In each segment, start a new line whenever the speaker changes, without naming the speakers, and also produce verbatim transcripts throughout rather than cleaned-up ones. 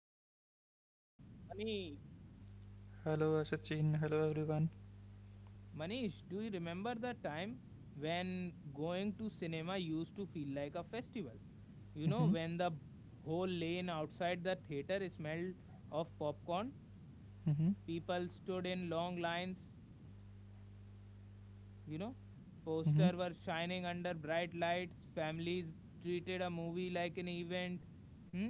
wonderful co-host Manish. Manish, do you remember the time when going to cinema used to feel like a festival? You know, when the whole lane outside the theater smelled of popcorn, people stood in long lines, you know posters were shining under bright lights, families treated a movie like an event. Hmm?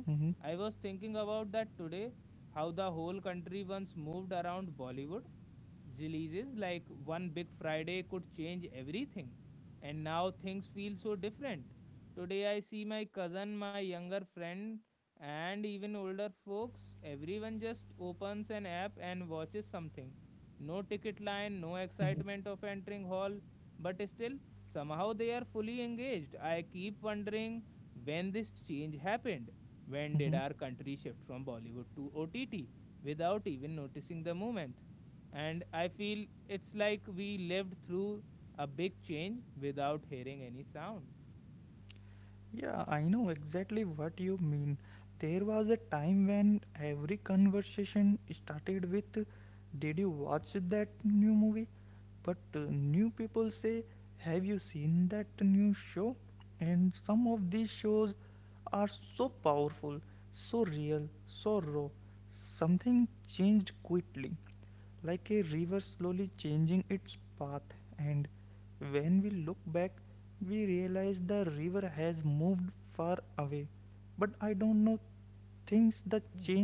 I was thinking about that today, how the whole country once moved around Bollywood releases. Like one big Friday could change everything, and now things feel so different. Today I see my cousin, my younger friend, and even older folks, everyone just opens an app and watches something. No ticket line, no excitement of entering hall, but still, somehow they are fully engaged. I keep wondering when this change happened. When did our country shift from Bollywood to O T T without even noticing the movement? And I feel it's like we lived through a big change without hearing any sound. Hmm.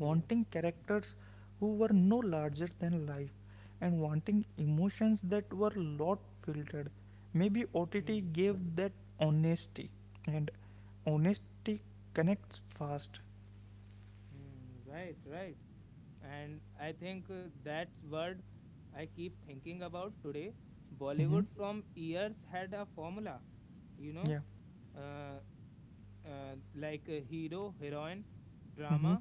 Yeah. Hmm. Hmm. Right, right. And I think uh, that's word I keep thinking about today. Bollywood from years had a formula, you know uh, uh, like a hero, heroine, drama,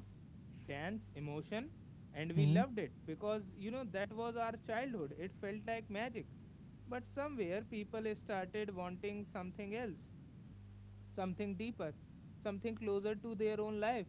dance, emotion. And we loved it because, you know, that was our childhood. It felt like magic. But somewhere people started wanting something else, something deeper, something closer to their own life.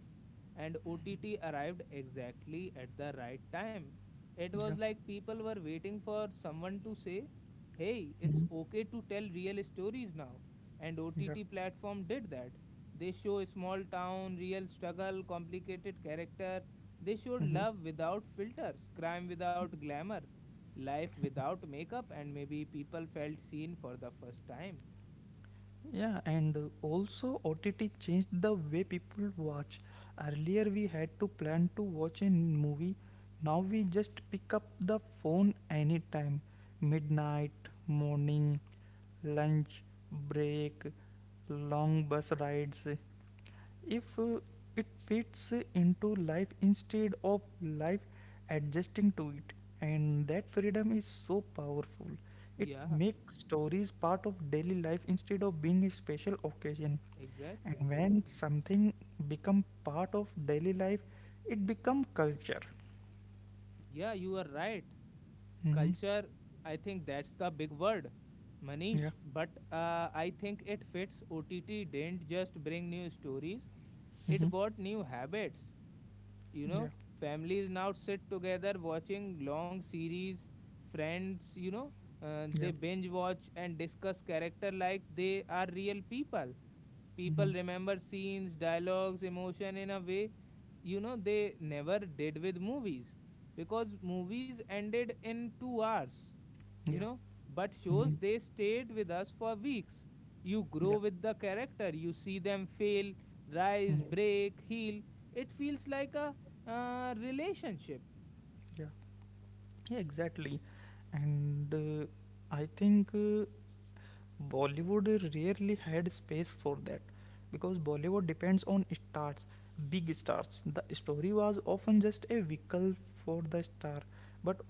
And O T T arrived exactly at the right time. It was like people were waiting for someone to say, hey, it's okay to tell real stories now. And O T T platform did that. They show a small town, real struggle, complicated character. They showed love without filters, crime without glamour, life without makeup, and maybe people felt seen for the first time. Yeah, exactly. Yeah, you are right. Culture, I think that's the big word, Manish. But uh, I think it fits. O T T didn't just bring new stories, it brought new habits. you know Families now sit together watching long series, friends, you know uh, they binge watch and discuss character like they are real people. People remember scenes, dialogues, emotion in a way, you know, they never did with movies because movies ended in two hours, you know. But shows, they stayed with us for weeks. You grow with the character, you see them fail, rise, break, heal. It feels like a uh, relationship.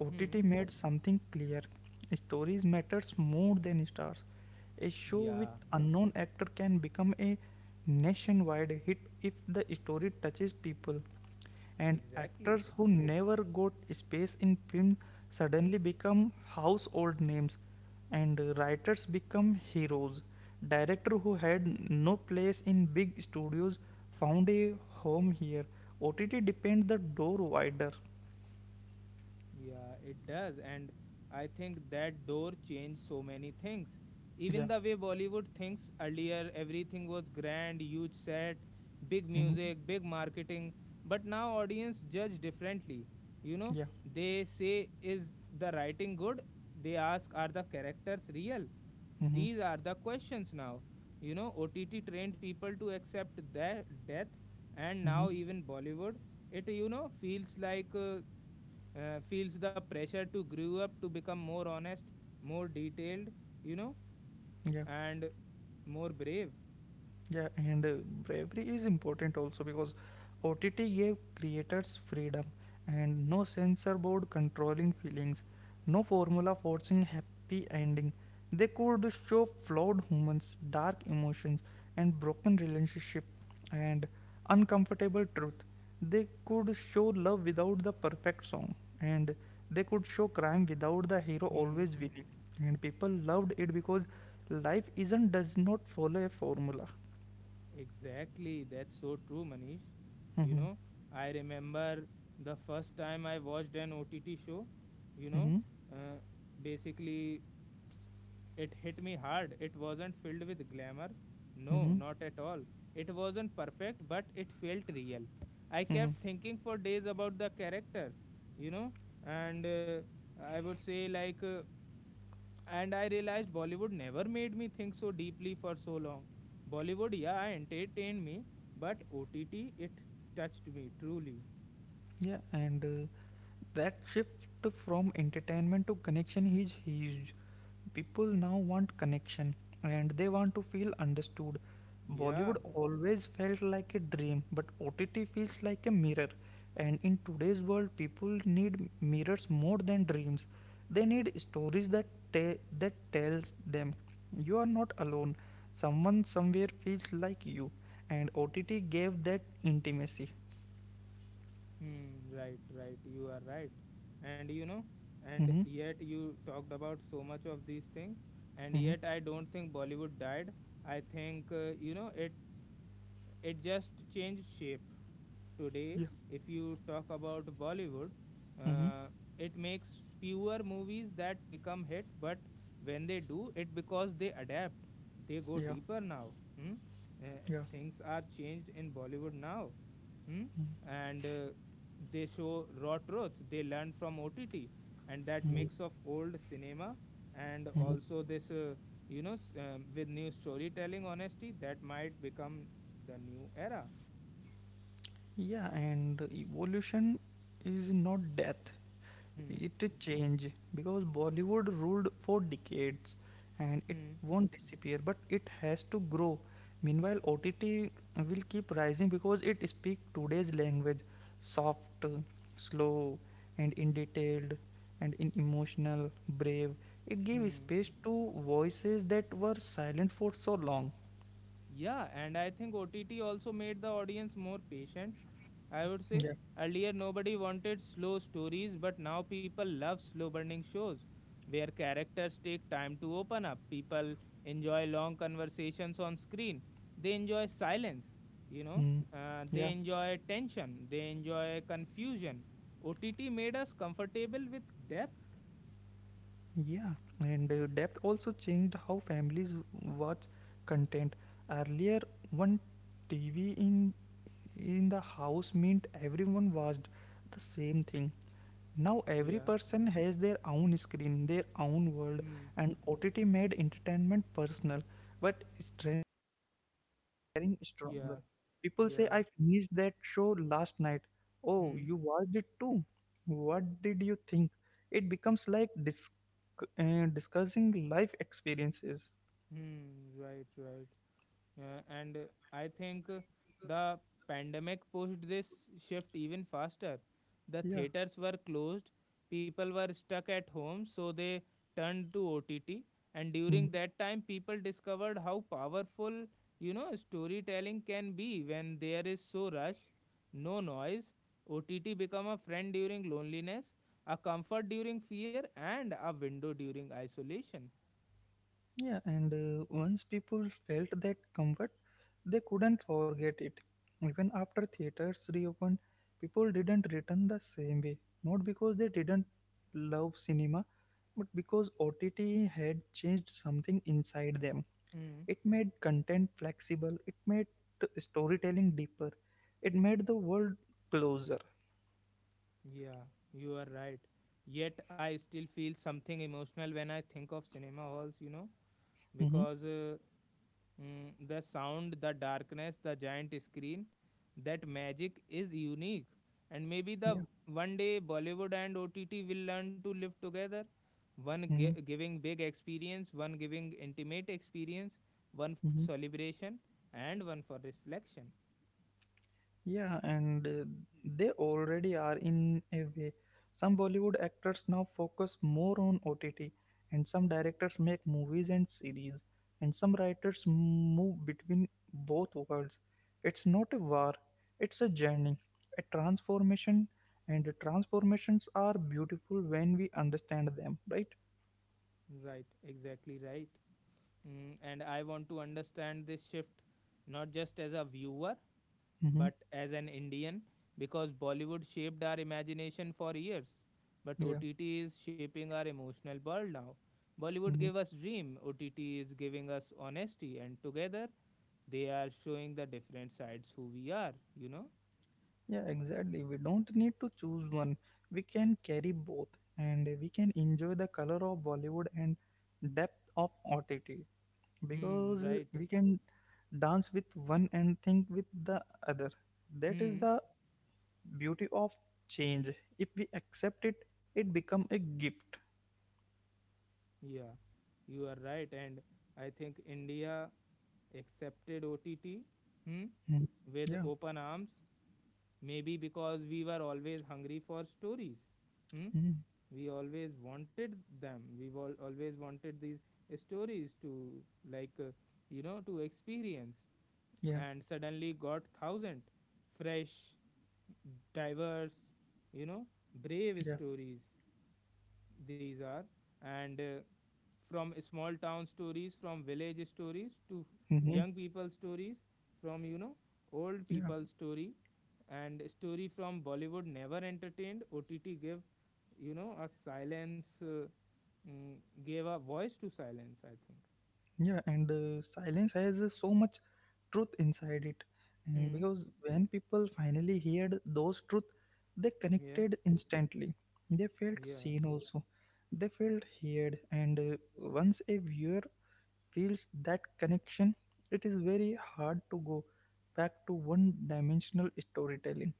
Hmm. Yeah. Exactly. Yeah, it does. And I think that door changed so many things. Even the way Bollywood thinks earlier, everything was grand, huge set, big music, big marketing. But now audience judge differently. You know, they say, is the writing good? They ask, are the characters real? These are the questions now. You know, O T T trained people to accept their death. And now even Bollywood, it, you know, feels like uh, uh, feels the pressure to grow up, to become more honest, more detailed, you know, and more brave. Hmm. Exactly. That's so true, Manish. You know, I remember the first time I watched an O T T show, you know, uh, basically it hit me hard. It wasn't filled with glamour. No, not at all. It wasn't perfect, but it felt real. I kept thinking for days about the characters, you know, and uh, I would say, like, uh, and I realized Bollywood never made me think so deeply for so long. Bollywood, yeah, entertained me, but O T T, it touched me truly. Yeah. Hmm, right, right. You are right. And you know, and yet you talked about so much of these things, and yet I don't think Bollywood died. I think, uh, you know, it it just changed shape. Today, if you talk about Bollywood, uh, it makes fewer movies that become hit, but when they do, it because they adapt, they go deeper now. Hmm? uh, Things are changed in Bollywood now. Hmm? And uh, they show raw truth, they learn from OTT. And that mix of old cinema and also this, uh, you know s- um, with new storytelling honesty, that might become the new era. Hmm. Hmm. Hmm. Yeah, and I think O T T also made the audience more patient. I would say earlier nobody wanted slow stories, but now people love slow burning shows where characters take time to open up. People enjoy long conversations on screen. They enjoy silence, you know, uh, they enjoy tension, they enjoy confusion. O T T made us comfortable with depth. Yeah. Hmm.
Sharing
Yeah.
stronger. People say,
Yeah.
"I finished that show last night. Oh,
Hmm.
you watched it too. What did you think?" It becomes like dis- uh, discussing life experiences.
Hmm. Right. Right. Yeah, and uh, I think uh, the pandemic pushed this shift even faster. The
Yeah.
theaters were closed, people were stuck at home, so they turned to O T T. And during
Mhm.
that time, people discovered how powerful, you know, storytelling can be when there is so rush, no noise. O T T become a friend during loneliness, a comfort during fear, and a window during isolation.
Yeah. And uh, once people felt that comfort, they couldn't forget it. Even after theaters reopened, people didn't return the same way. Not because they didn't love cinema, but because O T T had changed something inside them.
Mm.
It made content flexible, it made t- storytelling deeper, it made the world closer.
Yeah, you are right. Yet I still feel something emotional when I think of cinema halls, you know,
Hmm.
because uh, mm, the sound, the darkness, the giant screen, that magic is unique. And maybe
Yeah.
the one day Bollywood and O T T will learn to live together. One
Hmm.
gi- giving big experience, one giving intimate experience, one for
Hmm.
celebration, and one for reflection.
Yeah, and uh, they already are in a way. Some Bollywood actors now focus more on O T T, and some directors make movies and series, and some writers move between both worlds. It's not a war, it's a journey, a transformation, and the transformations are beautiful when we understand them, right?
Right, exactly right. Mm, and I want to understand this shift not just as a viewer
Mm-hmm.
but as an Indian, because Bollywood shaped our imagination for years. But
Yeah.
O T T is shaping our emotional world now. Bollywood
Mm-hmm.
gave us dream, O T T is giving us honesty, and together they are showing the different sides who we are, you know?
Yeah, exactly. We don't need to choose one. We can carry both and we can enjoy the color of Bollywood and depth of O T T
Hmm,
because
right.
we can dance with one and think with the other. That is
Hmm,
the beauty of change. If we accept it, it become a gift.
yeah, you are right. And I think India accepted O T T. Hmm,
Mhm.
with
Yeah.
open arms. Maybe because we were always hungry for stories. Hmm?
Mhm.
We always wanted them. We al- always wanted these stories to, like, uh, you know, to experience.
Yeah.
And suddenly got thousand fresh, diverse, you know, brave
Yeah.
stories. These are, and uh, from small town stories, from village stories to
Hmm.
young people stories, from you know old
Yeah.
people story. And story from Bollywood never entertained. OTT gave, you know, a silence, uh, mm, gave a voice to silence, I think.
Yeah. And uh, silence has uh, so much truth inside it, and
Hmm.
because when people finally heard those truth, they
Yeah.
connected instantly, they felt
Yeah.
seen also, they felt heard, and uh, once a viewer feels that connection, it is very hard to go back to one dimensional storytelling.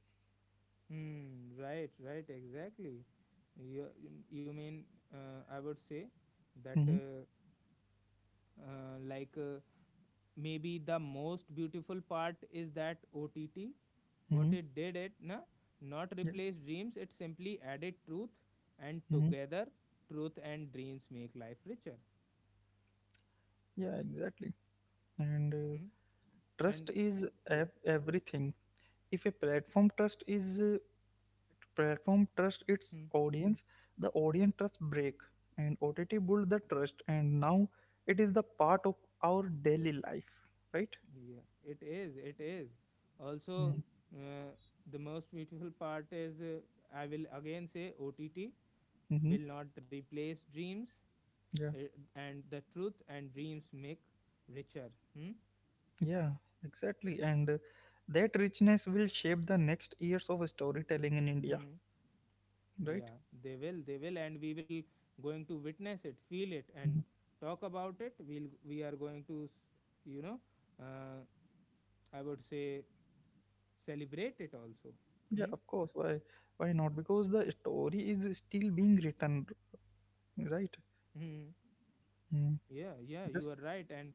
Hmm, right, right. Exactly. You, you mean, uh, I would say that,
Hmm.
uh, uh, like uh, maybe the most beautiful part is that O T T, what
Hmm.
it did it, na, not
Yeah.
replace dreams, it simply added truth, and
Hmm.
together, truth and dreams make life richer.
Yeah, exactly. and uh,
Hmm?
trust
And
is
yeah,
ev- everything. If a platform trust is uh, Platform trust its
hmm,
audience, the audience trust break, and OTT build the trust, and now it is the part of our daily life, right?
yeah, it is, it is. Also, uh, the most beautiful part is, uh, I will again say O T T
Mm-hmm.
will not replace dreams,
Yeah.
uh, and the truth and dreams make richer. Hmm?
Yeah exactly and uh, That richness will shape the next years of storytelling in India,
Hmm.
right?
Yeah, they will, they will, and we will going to witness it, feel it, and
Mhm.
talk about it. We'll we are going to, s- you know, uh, I would say celebrate it also.
Yeah,
Hmm?
of course. why why not? Because the story is still being written, right?
Hmm.
Mm.
Yeah, yeah, you
Just
are right, and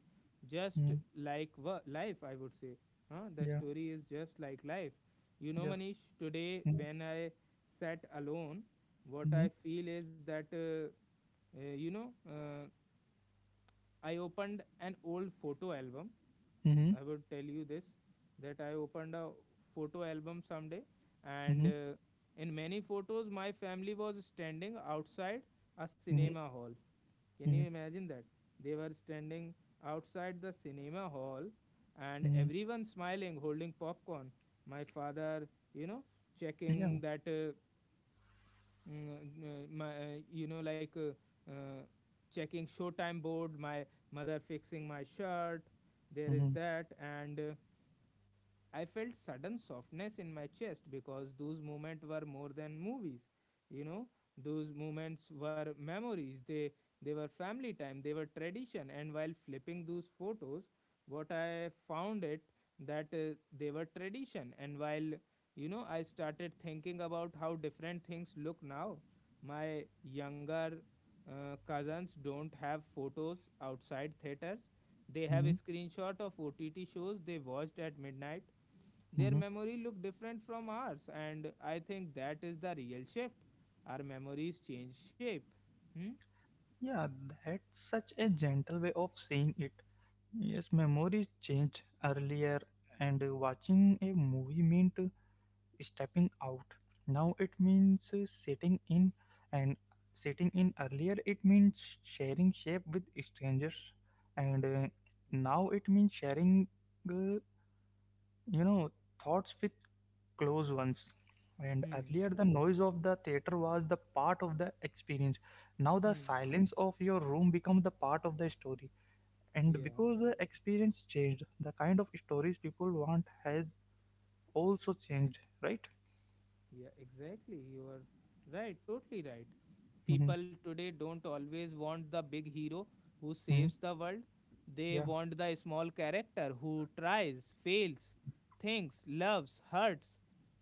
just
mm.
like wo- life, I would say, huh? The
Yeah.
story is just like life. You know,
Yeah.
Manish, today
Mm-hmm.
when I sat alone, what
Mm-hmm.
I feel is that, uh, uh, you know uh, I opened an old photo album. I would tell you this, that I opened a photo album someday, and
Mm-hmm.
uh, in many photos, my family was standing outside a cinema hall. Can you
Mm-hmm.
imagine that? They were standing outside the cinema hall, and
Mm-hmm.
everyone smiling, holding popcorn. My father, you know, checking that, uh, mm, uh, my, uh, you know, like uh, uh, checking Showtime board, my mother fixing my shirt. There is
Yeah.
that, and uh, I felt sudden softness in my chest because those moments were more than movies. You know, those moments were memories. They they were family time. They were tradition. And while flipping those photos, what I found it, that uh, they were tradition. And while, you know, I started thinking about how different things look now. My younger uh, cousins don't have photos outside theaters. They have a
Hmm.
screenshot of O T T shows they watched at midnight. Their
Hmm.
memory look different from ours, and I think that is the real shift. Our memories change shape. Hmm.
Yeah, that's such a gentle way of saying it. Yes, memories changed earlier, and uh, watching a movie meant uh, stepping out. Now it means uh, sitting in, and sitting in earlier it means sharing shape with strangers, and uh, now it means sharing, uh, you know, thoughts with close ones. And
Hmm.
earlier, the noise of the theater was the part of the experience. Now, the
Hmm.
silence of your room becomes the part of the story. And
Yeah.
because the experience changed, the kind of stories people want has also changed, right?
Yeah, exactly. You are right, totally right.
Mm-hmm.
People today don't always want the big hero who
Mm-hmm.
saves the world. They
Yeah,
want the small character who tries, fails, thinks, loves, hurts.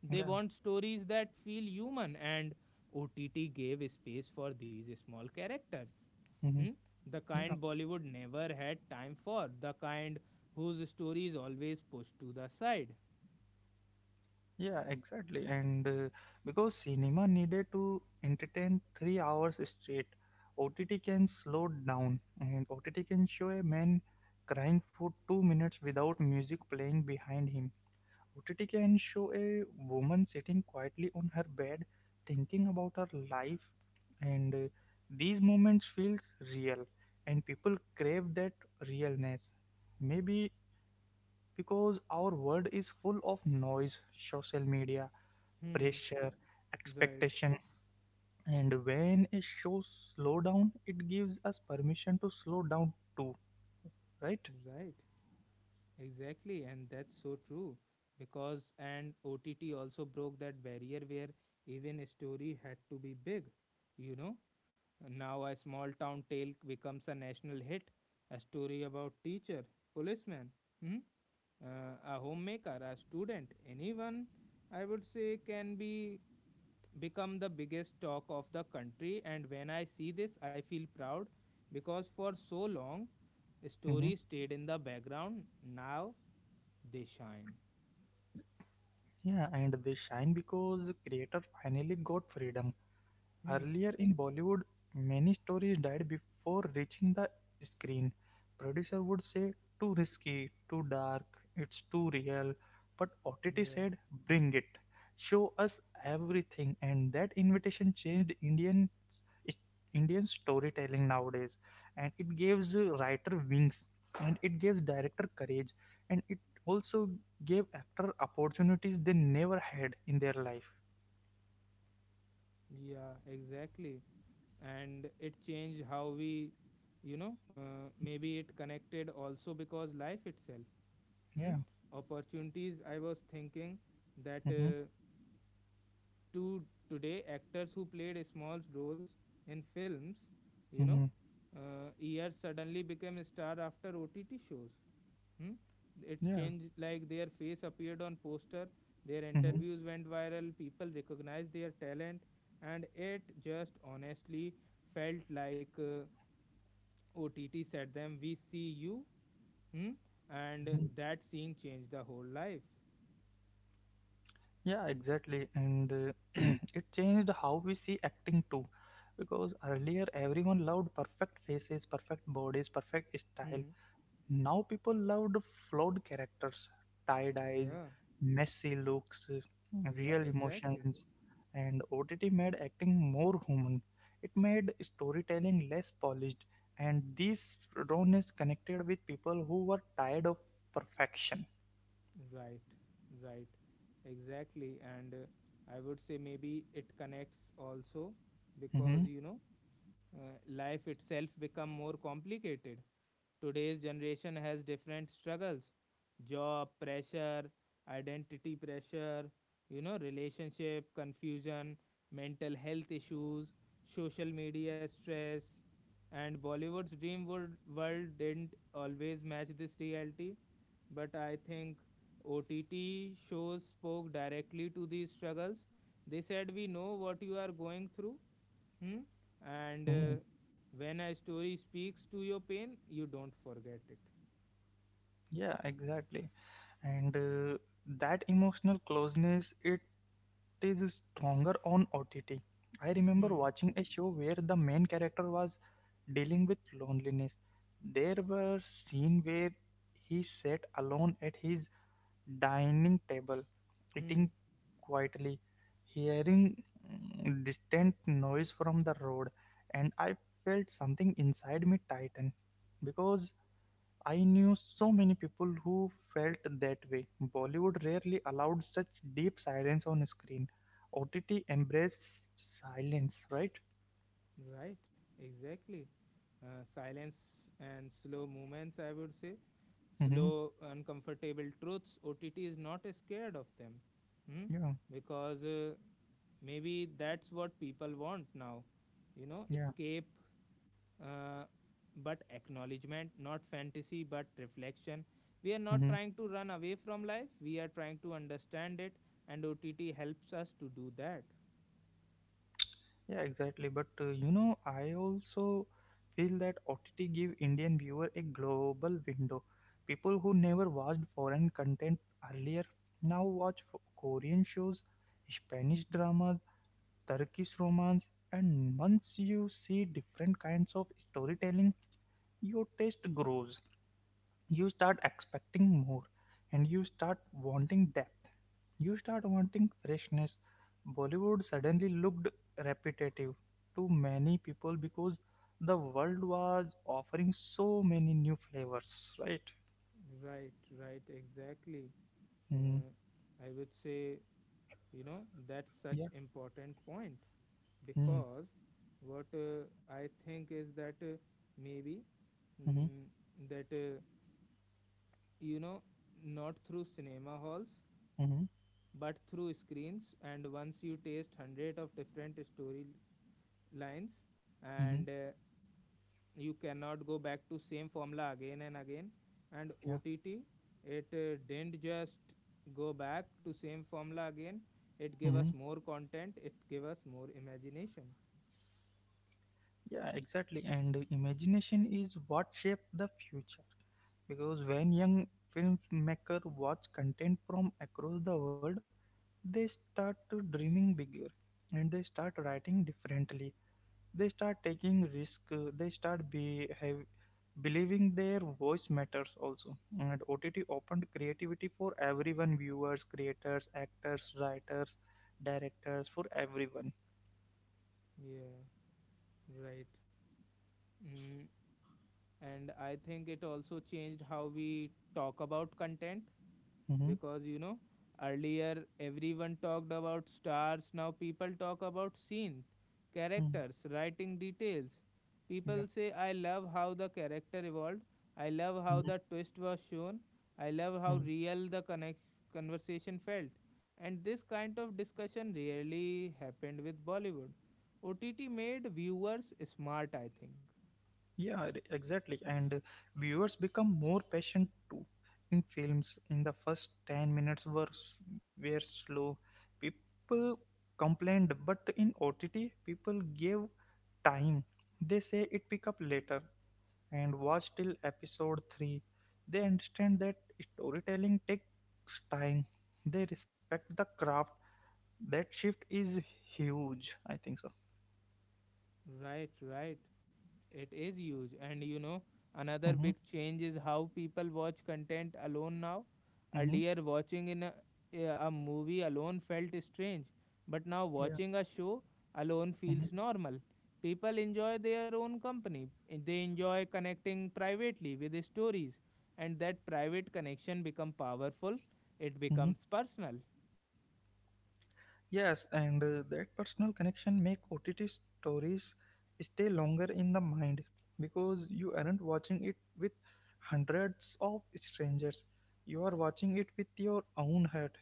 They
yeah,
want stories that feel human, and O T T gave space for these small characters. Hmm?
hmm,
The
yeah.
kind Bollywood never had time for, the kind whose story is always pushed to the side.
Yeah, exactly. And uh, because cinema needed to entertain three hours straight, O T T can slow down and O T T can show a man crying for two minutes without music playing behind him. O T T can show a woman sitting quietly on her bed thinking about her life, and uh, these moments feels real and people crave that realness. Maybe because our world is full of noise, social media
Hmm.
pressure,
Right,
expectation. And when a show slow down, it gives us permission to slow down too, right?
right. Exactly, and that's so true because and O T T also broke that barrier where even a story had to be big. You know, now a small town tale becomes a national hit, a story about teacher, policeman, hmm? uh, a homemaker, a student, anyone, I would say, can be become the biggest talk of the country. And when I see this I feel proud, because for so long
Hmm.
stories stayed in the background. Now they shine.
Yeah, and they shine because the creator finally got freedom.
Hmm.
Earlier in Bollywood, many stories died before reaching the screen. Producer would say, too risky, too dark, it's too real. But O T T
Yeah.
said, bring it, show us everything. And that invitation changed Indian, Indian storytelling nowadays. And it gives uh, writer wings, and it gives director courage, and it also gave actor opportunities they never had in their life.
Yeah. Exactly. And it changed how we, you know, uh, maybe it connected also because life itself. Hmm.
Yeah.
Opportunities. I was thinking that
Mm-hmm.
uh, to today actors who played small roles in films, you know,
Mm-hmm.
uh, years suddenly became a star after O T T shows. Hmm? It
Yeah.
changed like their face appeared on poster, their
Hmm.
interviews went viral, people recognized their talent, and it just honestly felt like uh, O T T said them, "We see you," hmm? And that seeing changed the whole life.
Yeah, exactly. And uh, it changed how we see acting too. Because earlier everyone loved perfect faces, perfect bodies, perfect style.
Hmm.
Now people loved flawed characters, tied eyes,
Yeah.
messy looks,
Yeah.
real
Exactly.
emotions. And O T T made acting more human. It made storytelling less polished. And this rawness connected with people who were tired of perfection.
Right. Right. Exactly. And uh, I would say maybe it connects also because
Hmm.
you know uh, life itself become more complicated. Today's generation has different struggles: job pressure, identity pressure, you know, relationship confusion, mental health issues, social media stress. And Bollywood's dream world, world didn't always match this reality, but I think O T T shows spoke directly to these struggles. They said, "We know what you are going through," hmm? And uh, when a story speaks to your pain, you don't forget it.
Yeah, exactly. and uh, that emotional closeness, it is stronger on OTT. I remember
Hmm.
watching a show where the main character was dealing with loneliness. There were scene where he sat alone at his dining table eating
Hmm.
quietly, hearing mm, distant noise from the road, and I felt something inside me tighten because I knew so many people who felt that way. Bollywood rarely allowed such deep silence on screen. O T T embraced silence, right?
Right. Exactly. Uh, silence and slow movements, I would say.
Mm-hmm.
Slow, uncomfortable truths. O T T is not uh, scared of them. Hmm?
Yeah,
Because uh, maybe that's what people want now. You know,
yeah,
escape uh, but acknowledgement, not fantasy, but reflection. We are not
mm-hmm.
trying to run away from life, we are trying to understand it, and O T T helps us to do that.
Yeah, exactly. But uh, you know, I also feel that O T T give Indian viewer a global window. People who never watched foreign content earlier now watch f- Korean shows, Spanish dramas, Turkish romance, and once you see different kinds of storytelling, your taste grows. You start expecting more, and you start wanting depth. You start wanting freshness. Bollywood suddenly looked repetitive to many people because the world was offering so many new flavors, right?
Right, right, exactly.
Mm,
Uh, I would say, you know, that's such
yeah.
important point
Mm,
because what uh, I think is that uh, maybe
mm,
mm, that uh, you know not through cinema halls
mm,
but through screens. And once you taste hundred of different story lines,
mm,
and uh, you cannot go back to same formula again and again. And
yeah.
ott it uh, didn't just go back to same formula again. It gave
Mm.
us more content, it gave us more imagination.
Yeah, exactly. And imagination is what shaped the future. Because when young filmmaker watch content from across the world, they start to dreaming bigger, and they start writing differently, they start taking risk, uh, they start be, have, believing their voice matters also, and OTT opened creativity for everyone: viewers, creators, actors, writers, directors, for everyone.
Yeah. Right. Mm. And I think it also changed how we talk about content
Mm-hmm.
because you know earlier everyone talked about stars. Now people talk about scene,
Mm-hmm.
characters, writing, details. People say, "I love how the character evolved. I love how
Yeah.
the twist was shown. I love how
Mhm.
real the connect- conversation felt." And this kind of discussion rarely happened with Bollywood. OTT made viewers smart, I think.
Yeah, r- exactly. And viewers become more patient too. In films, in the first ten minutes were, s- were slow. People complained, but in O T T, people gave time. They say it pick up later and watch till episode three. They understand that storytelling takes time. They respect the craft. That shift is huge, I think so.
Right, right. It is huge. And you know, another
Mm-hmm,
big change is how people watch content alone now.
mm-hmm,
Earlier, watching in a, a movie alone felt strange, but now
yeah.
watching a show alone
Mm-hmm.
feels normal. People enjoy their own company. They enjoy connecting privately with the stories, and that private connection become powerful. It becomes personal.
Yes, and uh, that personal connection make O T T stories stay longer in the mind because you aren't watching it with hundreds of strangers. You are watching it with your own heart,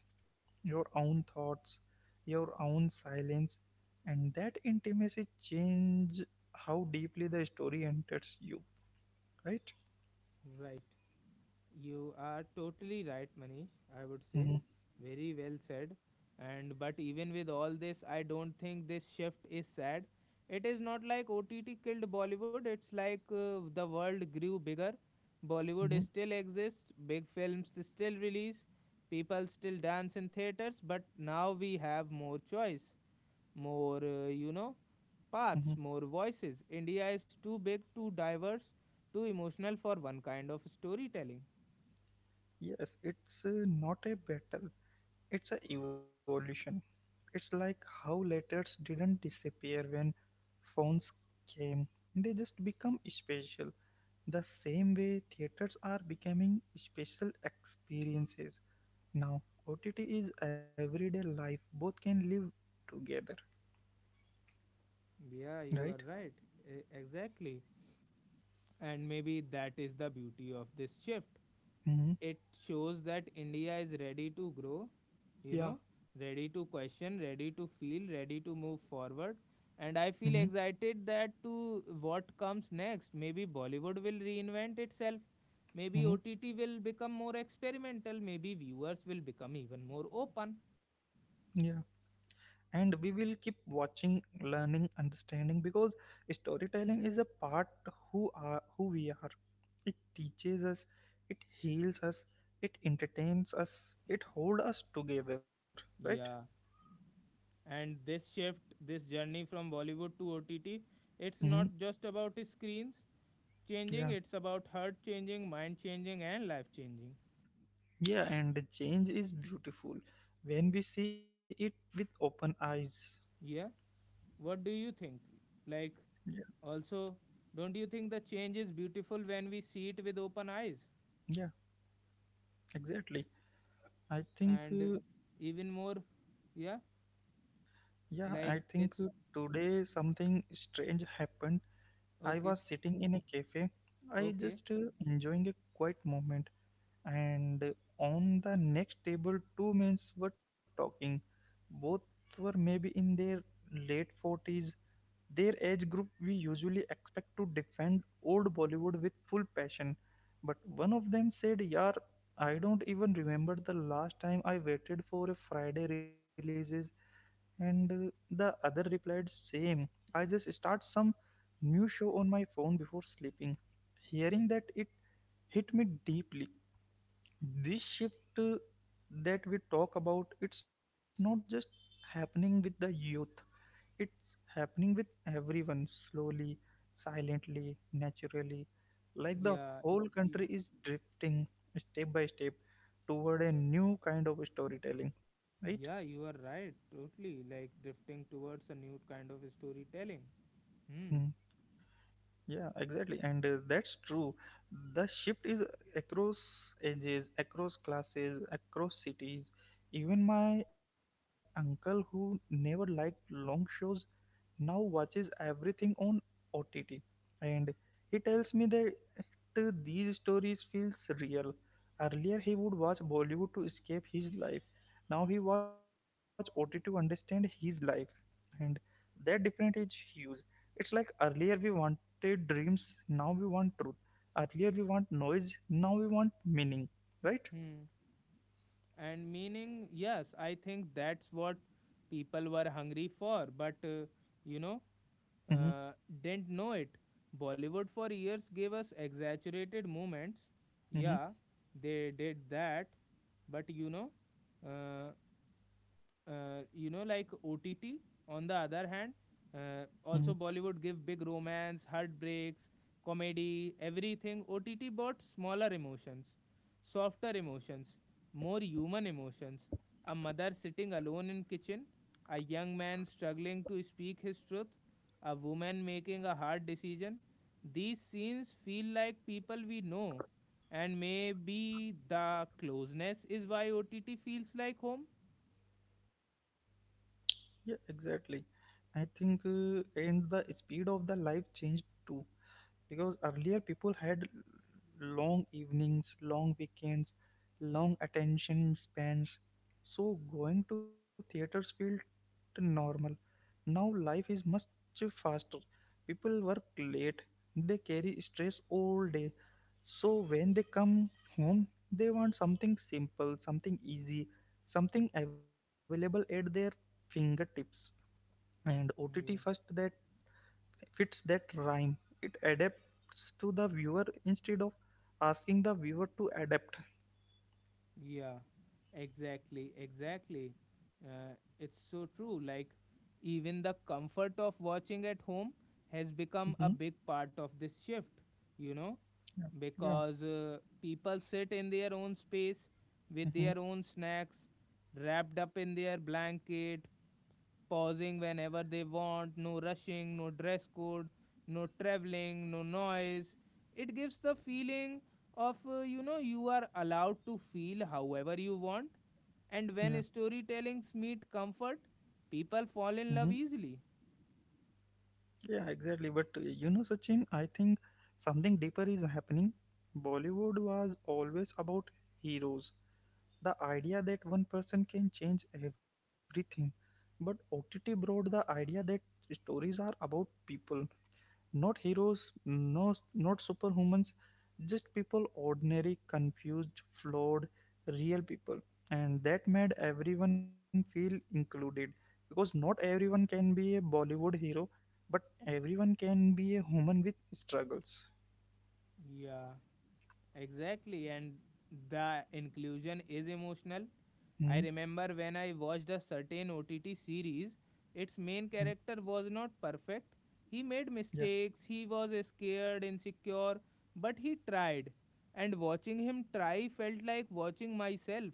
your own thoughts, your own silence, and that intimacy change how deeply the story enters you, right?
Right. You are totally right, Manish. I would say
Mm-hmm,
very well said. And but even with all this, I don't think this shift is sad. It is not like O T T killed Bollywood. It's like uh, the world grew bigger. Bollywood
mm-hmm,
still exists. Big films still release. People still dance in theaters. But now we have more choice, more uh, you know
mm-hmm.
paths, more voices. India is too big, too diverse, too emotional for one kind of storytelling.
Yes, it's uh, not a battle. It's a evolution. It's like how letters didn't disappear when phones came. They just become special. The same way theaters are becoming special experiences. Now, O T T is everyday life. Both can live together,
Yeah, you are
right?
right. E- Exactly. And maybe that is the beauty of this shift.
Mm-hmm.
It shows that India is ready to grow, you know,
Yeah.
ready to question, ready to feel, ready to move forward. And I
Mm-hmm.
feel excited that to what comes next. Maybe Bollywood will reinvent itself. Maybe
Mm-hmm.
O T T will become more experimental. Maybe viewers will become even more open.
Yeah. And we will keep watching, learning, understanding, because storytelling is a part who are who we are. It teaches us, it heals us, it entertains us, it hold us together, right?
Yeah. And this shift, this journey from Bollywood to OTT, it's
Hmm.
not just about screens changing,
Yeah.
it's about heart changing, mind changing, and life changing.
Yeah, and the change is beautiful when we see it with open eyes.
Yeah. What do you think, like,
Yeah.
also, don't you think the change is beautiful when we see it with open eyes
Yeah, exactly. I think
and
uh,
even more? Yeah,
yeah i
like
think
it's
uh, today something strange happened. I was
okay,
sitting in a cafe. I
okay.
just uh, enjoying a quiet moment, and uh, on the next table, two men were talking. Both were maybe in their late forties. Their age group, we usually expect to defend old Bollywood with full passion. But one of them said, "Yar, I don't even remember the last time I waited for a Friday releases." And uh, the other replied, "Same. I just start some new show on my phone before sleeping." Hearing that, it hit me deeply. This shift uh, that we talk about, it's not just happening with the youth, it's happening with everyone slowly, silently, naturally. Like the
Yeah.
whole
Yeah.
country is drifting step by step toward a new kind of storytelling, right?
Yeah, you are right, totally, like drifting towards a new kind of storytelling.
Hmm.
Hmm.
Yeah, exactly. And uh, that's true. The shift is across ages, across classes, across cities. Even my uncle, who never liked long shows, now watches everything on O T T. And he tells me that uh, these stories feels real. Earlier, he would watch Bollywood to escape his life. Now he watch O T T to understand his life, and that difference is huge. It's like earlier we wanted dreams, now we want truth. Earlier we want noise, now we want meaning, right?
Hmm. And meaning, yes, I think that's what people were hungry for but uh, you know
Mm-hmm,
uh, didn't know it. Bollywood for years gave us exaggerated moments,
mm-hmm,
yeah, they did that. But you know, uh, uh, you know like ott on the other hand uh,
mm-hmm.
also Bollywood give big romance, heartbreaks, comedy, everything. OTT brought smaller emotions, softer emotions, more human emotions: a mother sitting alone in kitchen, a young man struggling to speak his truth, a woman making a hard decision. These scenes feel like people we know, and maybe the closeness is why OTT feels like home.
Yeah, exactly. I think uh, and the speed of the life changed too, because earlier people had long evenings, long weekends, long attention spans. So going to theaters felt normal. Now life is much faster. People work late, they carry stress all day. So when they come home, they want something simple, something easy, something available at their fingertips. And O T T first
Yeah.
that fits that rhyme. It adapts to the viewer instead of asking the viewer to adapt.
Yeah, exactly, exactly. Uh, it's so true. Like, even the comfort of watching at home has
Hmm.
become a big part of this shift, you know,
Yeah. Yeah.
because uh, people sit in their own space with
Hmm.
their own snacks, wrapped up in their blanket, pausing whenever they want, no rushing, no dress code, no traveling, no noise. It gives the feeling of, uh, you know, you are allowed to feel however you want. And when
Yeah.
storytellings meet comfort, people
Hmm.
fall in love easily.
Yeah, exactly. But uh, you know, Sachin, I think something deeper is happening. Bollywood was always about heroes, the idea that one person can change everything. But O T T brought the idea that stories are about people, not heroes, no, not superhumans, just people, ordinary, confused, flawed, real people. And that made everyone feel included because not everyone can be a Bollywood hero, but everyone can be a human with struggles.
Yeah, exactly. And the inclusion is emotional. I
Mm-hmm.
remember when I watched a certain O T T series, its main character was not perfect. He made
Yeah.
mistakes, he was scared, insecure, but he tried. And watching him try felt like watching myself.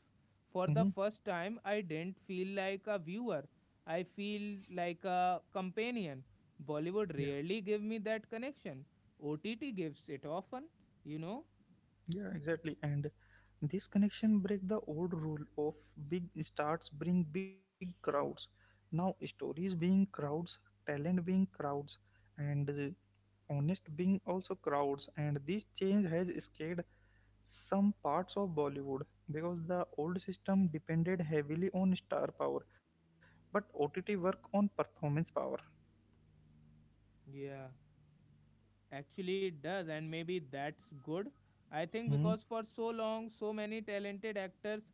For
Mm-hmm.
the first time, I didn't feel like a viewer. I feel like a companion.
Yeah.
Bollywood rarely give me that connection. O T T gives it often, you know?
Yeah, exactly. And this connection break the old rule of big starts bring big crowds. Now stories being crowds, talent being crowds, and uh, honest being also crowds. And this change has scared some parts of Bollywood because the old system depended heavily on star power, but O T T work on performance power.
Yeah. Actually, it does, and maybe that's good. I think
Hmm.
because for so long, so many talented actors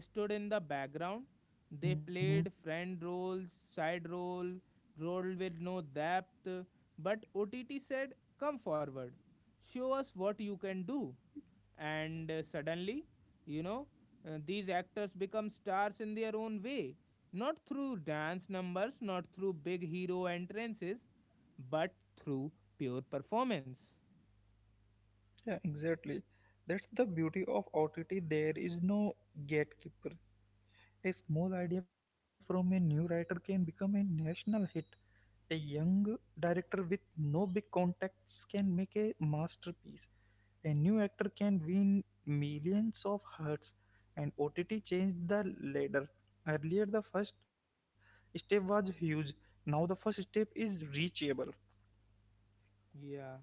stood in the background. They
Hmm.
played friend roles, side role, role with no depth. But O T T said, "Come forward, show us what you can do." And uh, suddenly, you know uh, these actors become stars in their own way, not through dance numbers, not through big hero entrances, but through pure performance.
Yeah, exactly. That's the beauty of O T T. There is no gatekeeper. A small idea from a new writer can become a national hit. A young director with no big contacts can make a masterpiece. A new actor can win millions of hearts, and O T T changed the ladder. Earlier, the first step was huge. Now, the first step is reachable.
Yeah,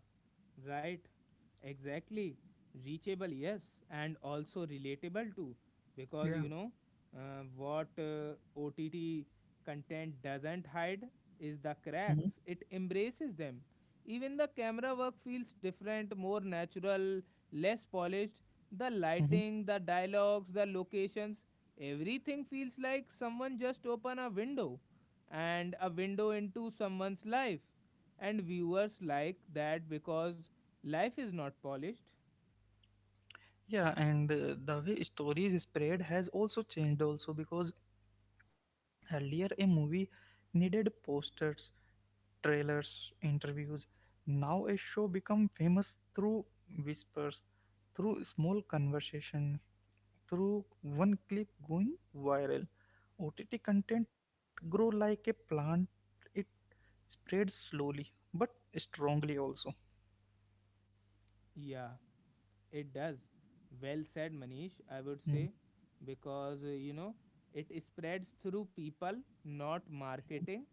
right. Exactly. Reachable, yes, and also relatable too. Because
Yeah.
you know uh, what uh, O T T content doesn't hide is the
Hmm.
cracks, it embraces them. Even the camera work feels different, more natural, less polished. The
Hmm.
lighting, the dialogues, the locations, everything feels like someone just opened a window, and a window into someone's life, and viewers like that because life is not polished.
Yeah, and uh, the way stories spread has also changed also because earlier a movie needed posters, trailers, interviews. Now a show become famous through whispers, through small conversation, through one clip going viral. O T T content grow like a plant. It spreads slowly but strongly also.
Yeah, it does. Well said, Manish, I would
Mm-hmm.
say, because uh, you know, it spreads through people, not marketing,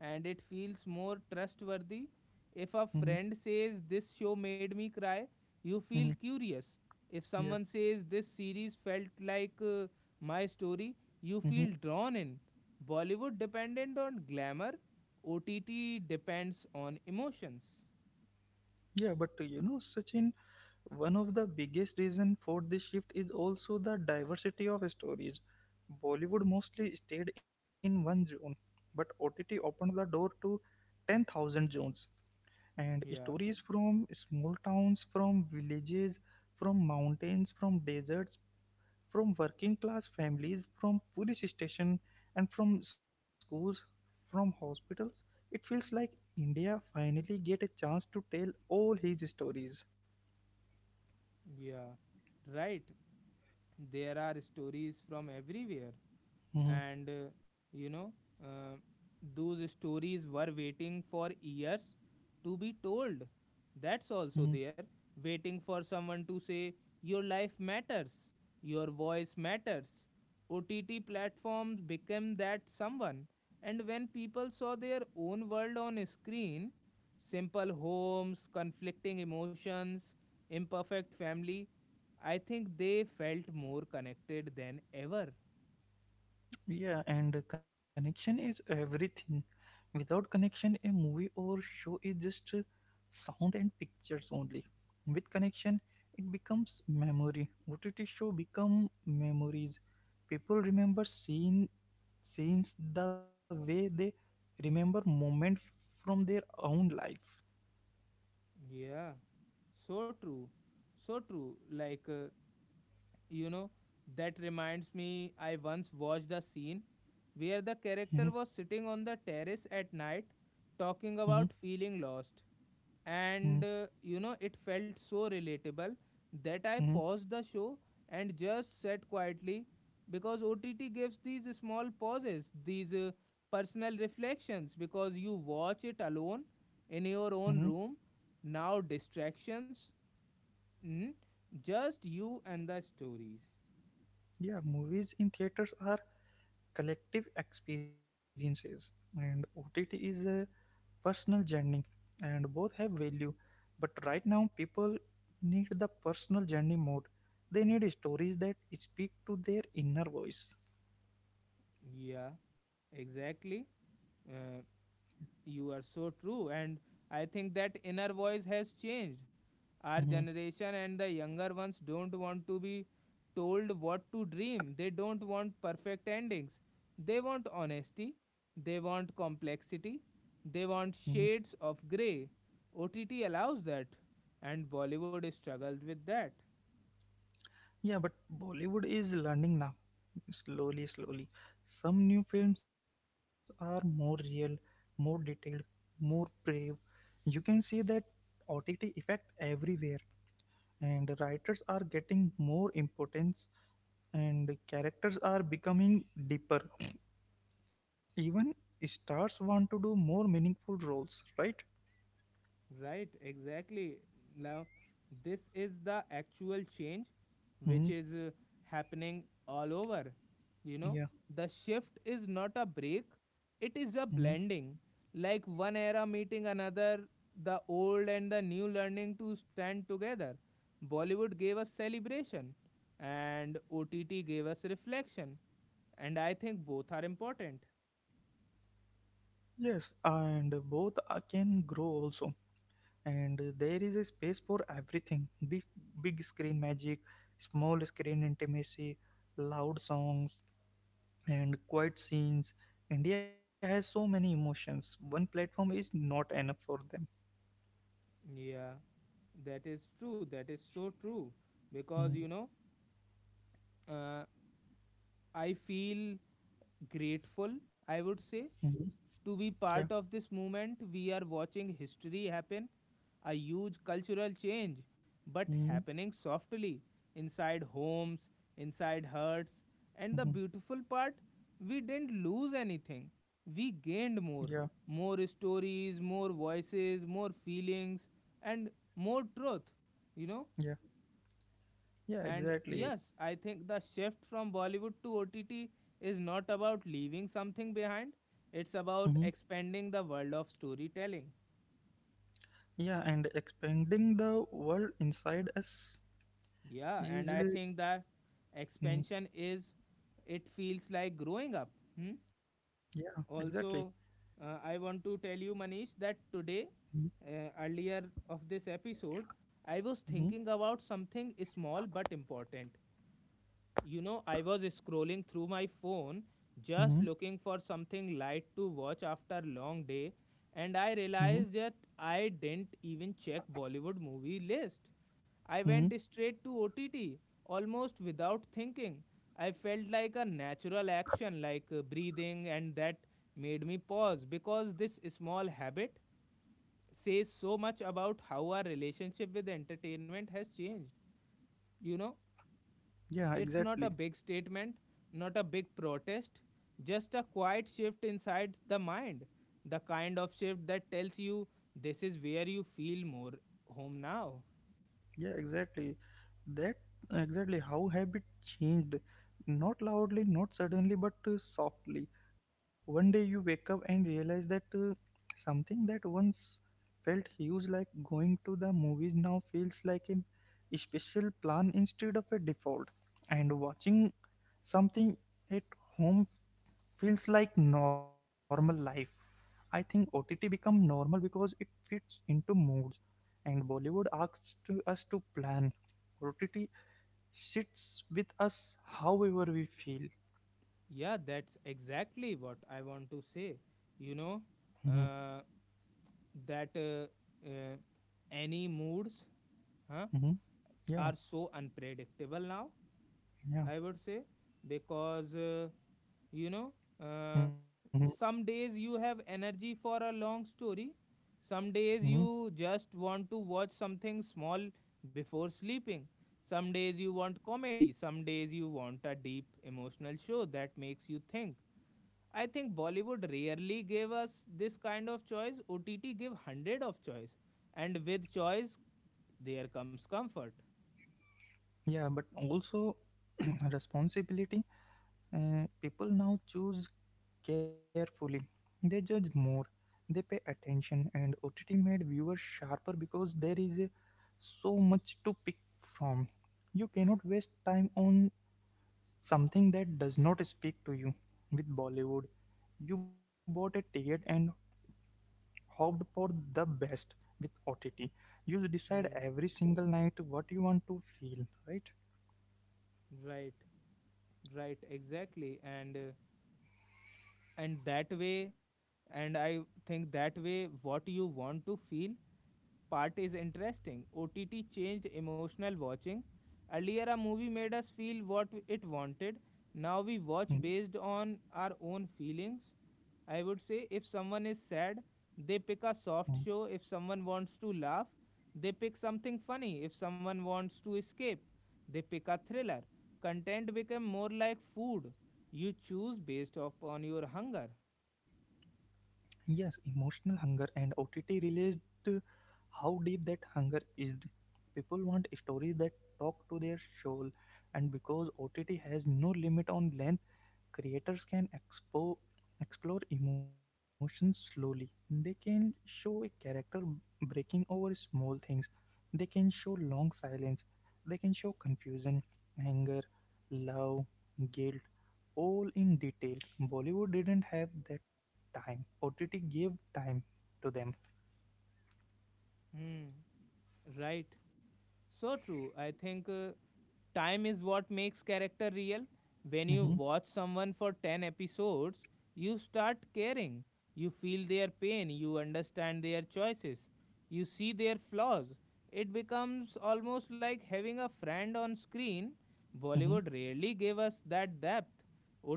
and it feels more trustworthy. If a
Mm-hmm.
friend says, "This show made me cry," you feel
Mm-hmm.
curious. If
Yeah.
someone says, "This series felt like uh, my story," you
Mm-hmm.
feel drawn in. Bollywood dependent on glamour, O T T depends on emotions.
Yeah, but uh, you know, Sachin, one of the biggest reasons for this shift is also the diversity of stories. Bollywood mostly stayed in one zone, but O T T opened the door to ten thousand zones. And
Yeah.
stories from small towns, from villages, from mountains, from deserts, from working class families, from police station, and from schools, from hospitals. It feels like India finally get a chance to tell all his stories.
Yeah, right. There are stories from everywhere,
Mhm,
and uh, you know, uh, those stories were waiting for years to be told. That's
mhm.
also there, waiting for someone to say, "Your life matters, your voice matters." O T T platforms became that someone, and when people saw their own world on a screen, simple homes, conflicting emotions, imperfect family, I think they felt more connected than ever.
Yeah, and connection is everything. Without connection, a movie or show is just uh, sound and pictures only. With connection, it becomes memory. O T T show become memories. People remember scene, scenes the way they remember moment from their own life.
Yeah, so true. So true. Like, uh, You know, that reminds me, I once watched a scene where the
Mhm,
character was sitting on the terrace at night
mhm,
talking about feeling lost.
mhm,
And uh, you know, it felt so relatable that
mhm,
I paused the show and just sat quietly, because O T T gives these small pauses, these uh, personal reflections, because you watch it alone in
mhm.
your own room. Now, distractions, mm, just you and the stories.
Yeah, movies in theaters are collective experiences, and O T T is a personal journey, and both have value, but right now people need the personal journey mode. They need stories that speak to their inner voice.
Yeah, exactly. Uh, you are so true. And I think that inner voice has changed. Our
Mhm,
generation and the younger ones don't want to be told what to dream. They don't want perfect endings. They want honesty. They want complexity. They
mhm.
want shades of grey. O T T allows that. And Bollywood struggled with that.
Yeah, but Bollywood is learning now, slowly slowly. Some new films are more real, more detailed, more brave. You can see that OTT effect everywhere, and writers are getting more importance, and characters are becoming deeper. Even stars want to do more meaningful roles, right?
Right, exactly. Now, this is the actual change which
Hmm.
is uh, happening all over. You know,
Yeah.
the shift is not a break, it
Hmm.
is a blending. Like one era meeting another, the old and the new learning to stand together. Bollywood gave us celebration, and O T T gave us reflection. And I think both are important.
Yes, and both uh, can grow also. And uh, there is a space for everything big, big screen magic, small screen intimacy, loud songs, and quiet scenes. India has so many emotions. One platform is not enough for them.
Yeah, that is true. That is so true. Because, you know, uh, I feel grateful, I would
Mm-hmm.
say, to
Yeah.
be part of this movement. We are watching history happen, a huge cultural change, but
Mm-hmm.
happening softly inside homes, inside hearts. And the beautiful part, we didn't lose anything, we
Yeah.
gained more, more stories, more voices, more feelings, and more truth, you know.
Yeah. Yeah.
And
Exactly.
yes, I think the shift from Bollywood to O T T is not about leaving something behind, it's about expanding the world of storytelling.
Yeah, and expanding the world inside us
Yeah,
is
and
uh,
I think that
mm,
expansion is, it feels like growing up. Hmm?
yeah, exactly.
Also, uh, I want to tell you, Manish, that
Mm-hmm,
today, uh, earlier of this episode, I was
mm-hmm,
thinking about something small but important. You know, I was scrolling through my phone just
mm-hmm.
looking for something light to watch after long day, and I realized that I didn't even check Bollywood movie list. I went
Mm-hmm.
straight to O T T almost without thinking. I felt like a natural action like uh, breathing, and that made me pause because this small habit says so much about how our relationship with entertainment has changed. You know,
Yeah,
it's not
exactly.
a big statement, not a big protest, just a quiet shift inside the mind. The kind of shift that tells you this is where you feel more home now.
Yeah, exactly. That exactly how habit changed. Not loudly, not suddenly, but uh, softly. One day you wake up and realize that uh, something that once felt huge, like going to the movies, now feels like a special plan instead of a default. And watching something at home feels like normal life. I think O T T become normal because it fits into moods, and Bollywood asks to us to plan. O T T sits with us however we feel.
Yeah, that's exactly what I want to say. You know,
Hmm.
uh, that uh, uh, any moods huh,
Hmm.
are
Yeah,
so unpredictable now. I
yeah.
would say, because uh, you know, uh,
Hmm.
some days you have energy for a long story, some days
Hmm.
you just want to watch something small before sleeping, some days you want comedy, some days you want a deep emotional show that makes you think. I think Bollywood rarely gave us this kind of choice. O T T gave hundred of choice, and with choice, there comes comfort.
Yeah. But also responsibility. Uh, people now choose carefully. They judge more. They pay attention, and O T T made viewers sharper because there is a, so much to pick from. You cannot waste time on something that does not speak to you. With Bollywood, you bought a ticket and hoped for the best. With O T T, you decide
Yeah,
every single night what you want to feel, right?
right. Right, exactly. And uh, and that way and I think that way what you want to feel part is interesting. O T T changed emotional watching. Earlier, a movie made us feel what it wanted. Now we
Mm,
watch based on our own feelings. I would say if someone is sad, they pick a
mm.
soft show. If someone wants to laugh, they pick something funny. If someone wants to escape, they pick a thriller. Content became more like food. You choose based upon your hunger.
Yes, emotional hunger, and O T T realized uh, how deep that hunger is. People want stories that talk to their soul, and because O T T has no limit on length, creators can expo- explore emotions slowly. They can show a character breaking over small things. They can show long silence. They can show confusion, anger, love, guilt, all in detail. Bollywood didn't have that time. O T T gave time to them.
Hmm. Right. So true. I think uh, time is what makes character real. When you
Hmm.
watch someone for ten episodes, you start caring. You feel their pain, you understand their choices, you see their flaws. It becomes almost like having a friend on screen.
Hmm.
Bollywood rarely gave us that depth.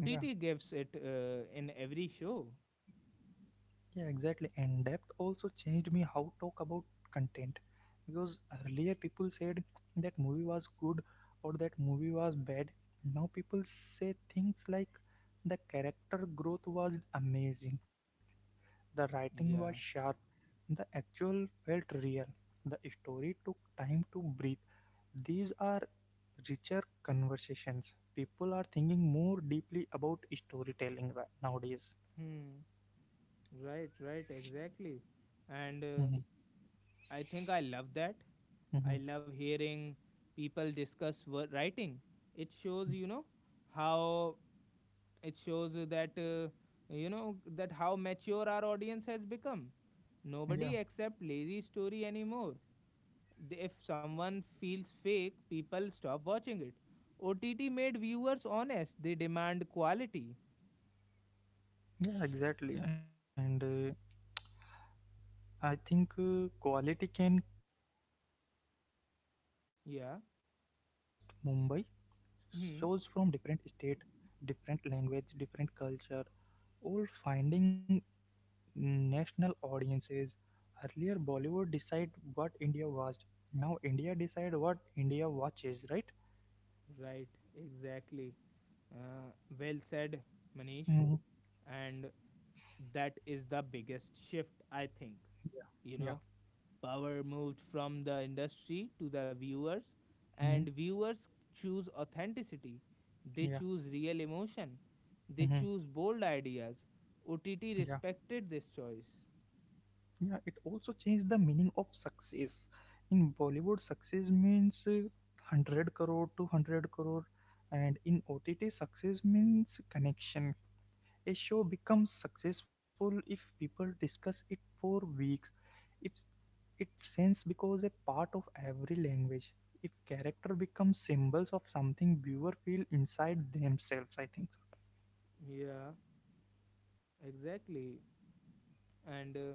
Yeah.
gives it uh, in every show.
Yeah, exactly. And depth also changed me how talk about content because earlier people said that movie was good or that movie was bad. Now people say things like the character growth was amazing, the writing was
Yeah.
sharp, the actual felt real, the story took time to breathe. These are richer conversations. People are thinking more deeply about storytelling ri- nowadays.
Hmm. Right, right, exactly. And
Hmm.
uh, I think I love that.
Hmm.
I love hearing people discuss wo- writing. It shows, you know, how it shows that, uh, you know, that how mature our audience has become.
Yeah.
Nobody accept lazy story anymore. The- If someone feels fake, people stop watching it. O T T made viewers honest. They demand quality.
Yeah, exactly. And uh, I think uh, quality can come from anywhere now, not just
Yeah.
Mumbai. Shows from different
Hmm.
state, different language, different culture, all finding national audiences. Earlier, Bollywood decide what India watched. Now, India decide what India watches, right?
Right. Exactly. Uh, well said, Manish.
Mhm.
And that is the biggest shift, I think.
Yeah. Yeah.
You know, power moved from the industry to the viewers,
Mhm.
and viewers choose authenticity, they
Yeah.
choose real emotion, they
Mhm.
choose bold ideas. OTT
Yeah.
respected this choice.
Yeah, it also changed the meaning of success. In Bollywood, success means uh, one hundred crore, two hundred crore, and in O T T, success means connection. A show becomes successful if people discuss it for weeks, if it sends becomes a part of every language, if character becomes symbols of something viewer feel inside themselves. I think
Yeah, exactly. And uh,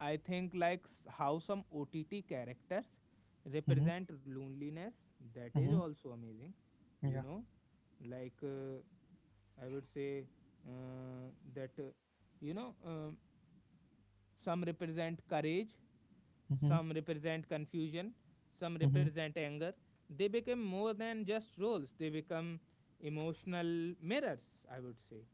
I think like s- how some O T T characters
so. Mm-hmm,
represent loneliness, that is
mm-hmm,
also amazing, you
yeah.
know. Like uh, I would say uh, that, uh, you know, um, Some represent courage,
Mm-hmm,
some represent confusion, some
mm-hmm.
represent anger. They become more than just roles, they become emotional mirrors, I would say.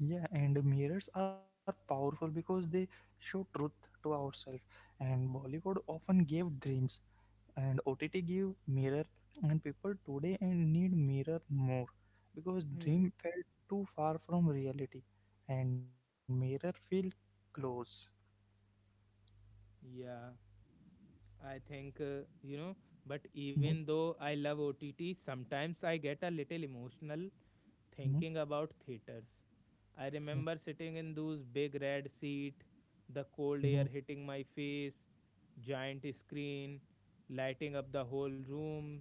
Yeah, and mirrors are powerful because they show truth to ourselves. And Bollywood often gave dreams, and O T T gave mirror, and people today and need mirror more because
Hmm.
dream felt too far from reality, and mirror feel close.
Yeah, I think, uh, you know, but
Mm-hmm,
even though I love O T T, sometimes I get a little emotional
mm-hmm,
thinking about theaters. I
okay.
remember sitting in those big red seat, the
Mm-hmm,
cold air hitting my face, giant screen lighting up the whole room.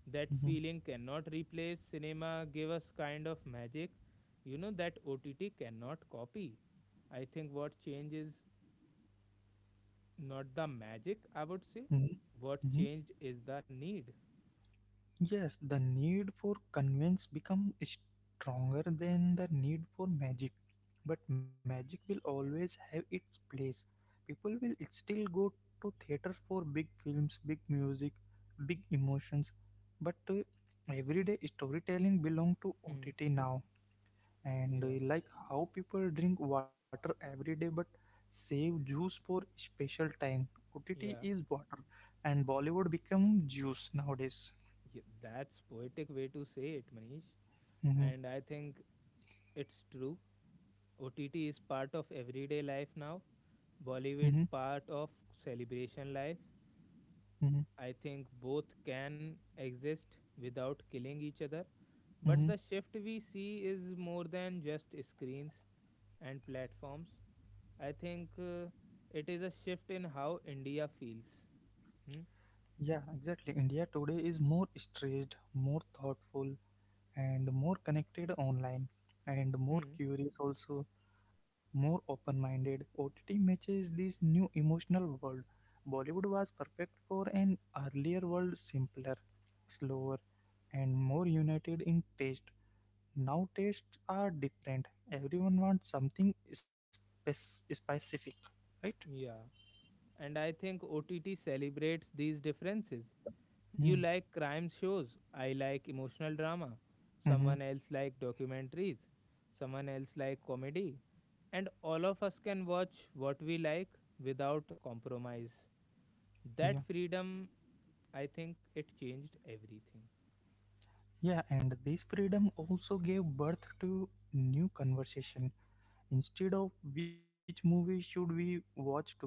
That
mm-hmm,
feeling cannot replace cinema gave us kind of magic, you know, that O T T cannot copy. I think what changed is not the magic, I would say.
mm-hmm,
What
mm-hmm.
changed is the need.
Yes, the need for convince become stronger than the need for magic. But magic will always have its place. People will still go to theater for big films, big music, big emotions. But uh, everyday storytelling belong to
Hmm.
O T T now. And uh,
Yeah.
like how people drink water every day but save juice for special time. O T T
Yeah.
is water, and Bollywood become juice nowadays.
Yeah. That's poetic way to say it, Manish.
Mhm,
And I think it's true. O T T is part of everyday life now.
mhm.
Bollywood part of celebration life.
Hmm.
I think both can exist without killing each other. But
Hmm.
the shift we see is more than just screens and platforms. I think uh, it is a shift in how India feels. Hmm?
Yeah, exactly. India today is more stressed, more thoughtful, and more connected online, and more
Hmm.
curious also, more open minded. O T T matches this new emotional world. Bollywood was perfect for an earlier world, simpler, slower, and more united in taste. Now tastes are different. Everyone wants something spec- specific, right?
Yeah. And I think O T T celebrates these differences. You like crime shows. I like emotional drama.
Mm-hmm.
Someone else like documentaries. Someone else like comedy. And all of us can watch what we like without compromise.
Yeah.
That freedom, I think it changed everything.
Yeah, and this freedom also gave birth to new conversation. Instead of which movie should we watch together,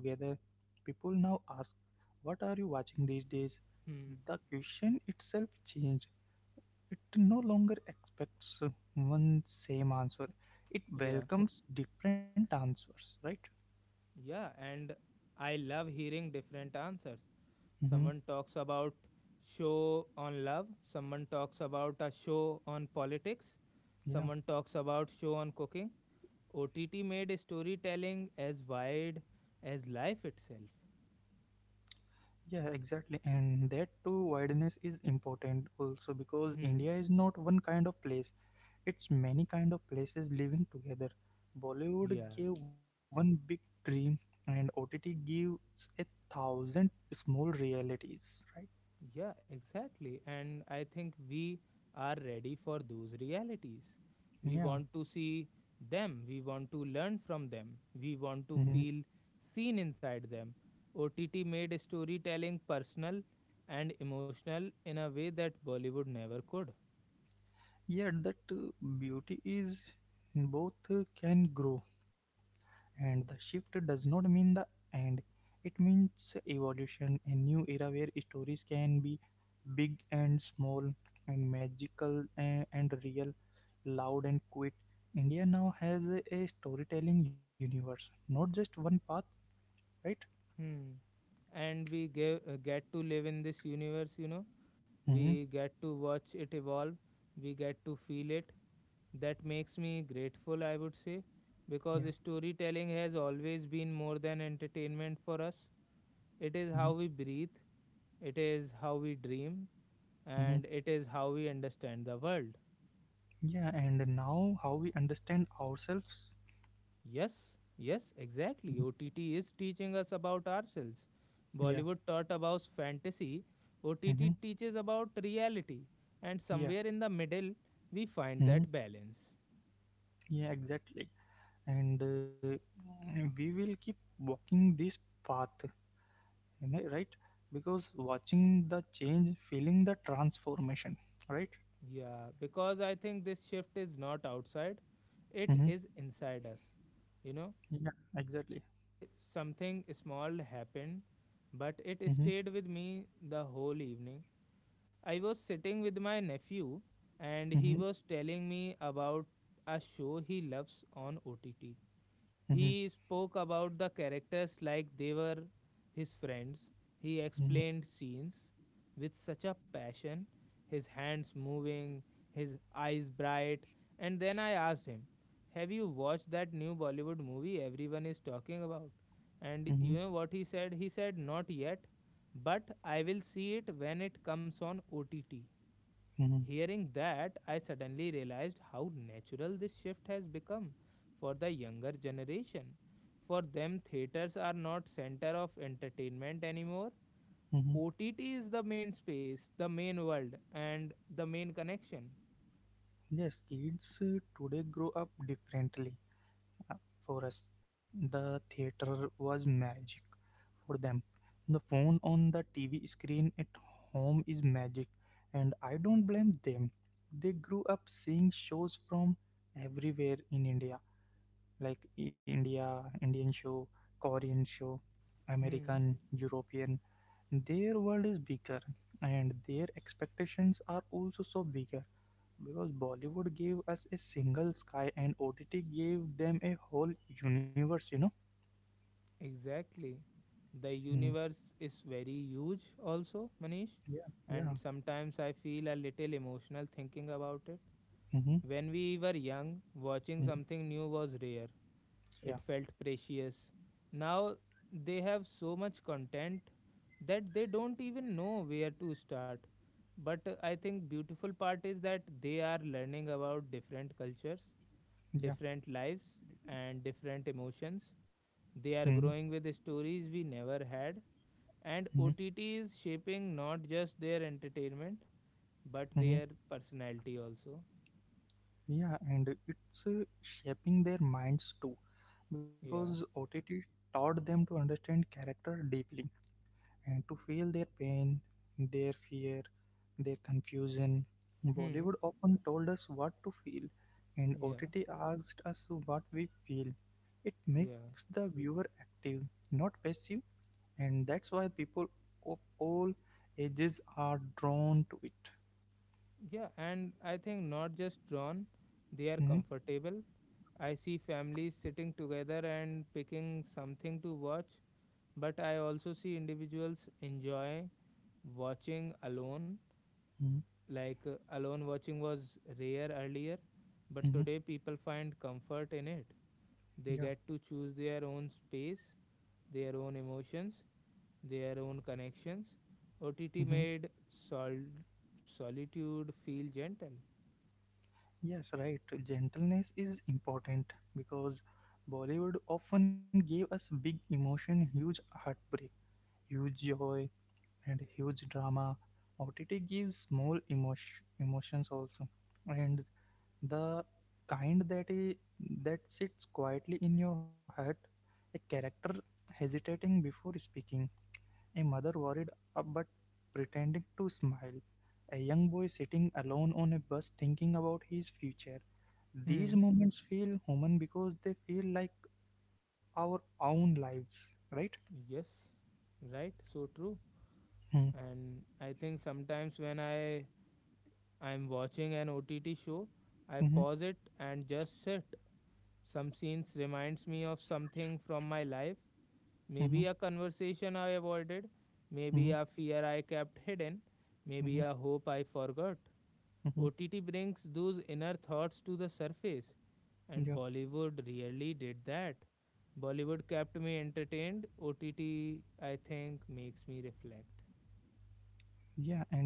people now ask, "What are you watching these days?"
Hmm.
The question itself changed. It no longer expects one same answer, it
Yeah.
welcomes different answers, right?
Yeah. And I love hearing different answers.
Mm-hmm.
Someone talks about show on love. Someone talks about a show on politics.
Yeah.
Someone talks about show on cooking. O T T made storytelling as wide as life itself.
Yeah, exactly. And that too, wideness is important also because
Hmm.
India is not one kind of place. It's many kind of places living together. Bollywood
Yeah.
gave one big dream, and O T T gives a thousand small realities. Right?
Yeah, exactly. And I think we are ready for those realities. We
Yeah.
want to see them. We want to learn from them. We want
Mhm.
to feel seen inside them. O T T made storytelling personal and emotional in a way that Bollywood never could.
Yeah, that uh, beauty is both uh, can grow, and the shift does not mean the end. It means evolution, a new era where stories can be big and small, and magical and, and real, loud and quit. India now has a, a storytelling universe, not just one path, right?
Hmm. And we ge- uh, get to live in this universe, you know.
Mm-hmm.
We get to watch it evolve. We get to feel it. That makes me grateful, I would say, because
Yeah.
storytelling has always been more than entertainment for us.
Mm-hmm.
It is how we breathe, it is how we dream,
Mm-hmm.
and it is how we understand the world.
Yeah. And now how we understand ourselves.
Yes, yes,
Mhm.
exactly. O T T is teaching us about ourselves.
Yeah.
Bollywood taught about fantasy, O T T
Mm-hmm.
teaches about reality, and
Yeah.
somewhere in the middle, we find
Mm-hmm.
that balance.
Yeah. Exactly. And uh, mm, we will keep walking this path, you know, right? Because watching the change, feeling the transformation, right?
Yeah, because I think this shift is not outside, it
Mm-hmm.
is inside us, you know.
Yeah.
And
Exactly.
today, something small happened, but it
Mm-hmm.
stayed with me the whole evening. I was sitting with my nephew and he
Mm-hmm.
was telling me about a show he loves on O T T.
Mm-hmm.
He spoke about the characters like they were his friends. He
Mm-hmm.
explained scenes with such a passion, his hands moving, his eyes bright. And then I asked him, "Have you watched that new Bollywood movie everyone is talking about?" And
Mm-hmm.
you know what he said? He said, "Not yet, but I will see it when it comes on O T T" Hearing that, I suddenly realized how natural this shift has become for the younger generation. For them, theaters are not center of entertainment anymore.
Mm-hmm.
O T T is the main space, the main world, and the main connection.
Yes, kids uh, today grow up differently. Uh, For us, the theater was magic. For them, the phone on the T V screen at home is magic, and I don't blame them. They grew up seeing shows from everywhere in India, like India, Indian show, Korean show,
Hmm,
American, European. Their world is bigger, and their expectations are also so bigger because Bollywood gave us a single sky and O T T gave them a whole universe, you know?
exactly. The
Mm,
universe is very huge, also, Manish,
yeah,
and
yeah,
sometimes I feel a little emotional thinking about it.
mm-hmm,
When we were young, watching
mm,
something new was rare.
yeah,
It felt precious. Now they have so much content that they don't even know where to start. But uh, I think beautiful part is that they are learning about different cultures,
yeah.
different lives and different emotions. They
Mm.
are growing with stories we never had, and
Mm.
O T T is shaping not just their entertainment but
Mm.
their personality also.
Yeah, and it's uh, shaping their minds too because
Yeah.
O T T taught them to understand character deeply and to feel their pain, their fear, their confusion.
Hmm.
Bollywood often told us what to feel, and
Yeah.
O T T asked us what we feel. It makes
Yeah.
the viewer active, not passive, and that's why people of all ages are drawn to it.
Yeah, and I think not just drawn, they are
Mhm,
comfortable. I see families sitting together and picking something to watch, but I also see individuals enjoying watching alone.
mhm,
Like uh, alone watching was rare earlier, but
mhm.
today people find comfort in it. They
Yeah.
get to choose their own space, their own emotions, their own connections.
Mhm.
O T T made sol- solitude feel gentle.
Yes, right. Gentleness is important because Bollywood often gave us big emotion, huge heartbreak, huge joy, and huge drama. O T T gives small emotion, emotions also, and the kind that i- that sits quietly in your heart. A character hesitating before speaking, a mother worried uh, but pretending to smile, a young boy sitting alone on a bus thinking about his future. These
Hmm.
moments feel human because they feel like our own lives, right?
Yes, right, so true.
Hmm.
And I think sometimes when I I'm watching an O T T show, I
Mm-hmm,
pause it and just sit. Some scenes reminds me of something from my life,
mm-hmm,
maybe a conversation I avoided,
mm-hmm,
maybe a fear I kept hidden,
mm-hmm,
maybe a hope I forgot.
mm-hmm.
O T T brings those inner thoughts to the surface, and
Yeah.
Bollywood really did that. Bollywood kept me entertained. O T T, I think, makes me reflect.
Yeah, and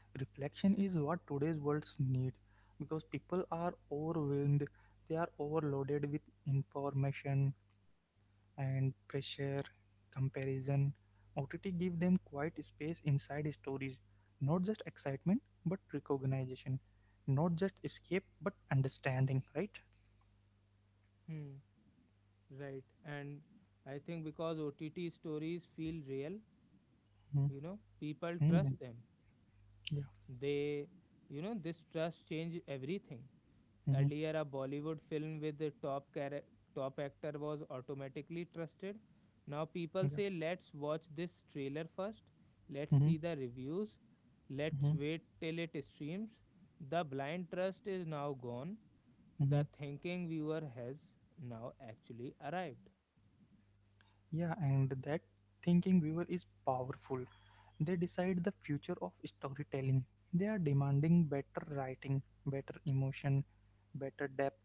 reflection is what today's worlds need because people are overwhelmed, they are overloaded with information and pressure, comparison. O T T give them quiet space inside stories, not just excitement but recognition, not just escape but understanding, right?
Hmm, right. And I think because O T T stories feel real, you
Mm-hmm.
know, people
Mm-hmm.
trust them.
Yeah.
They, you know, this trust change everything.
Mm-hmm.
Earlier, a Bollywood film with the top chara- top actor was automatically trusted. Now
Yeah.
people say, "Let's watch this trailer first. Let's
Mm-hmm.
see the reviews. Let's
Mm-hmm.
wait till it streams." The blind trust is now gone.
Mm-hmm.
The thinking viewer has now actually arrived.
Yeah, and that thinking viewer is powerful. They decide the future of storytelling. They are demanding better writing, better emotion, better depth.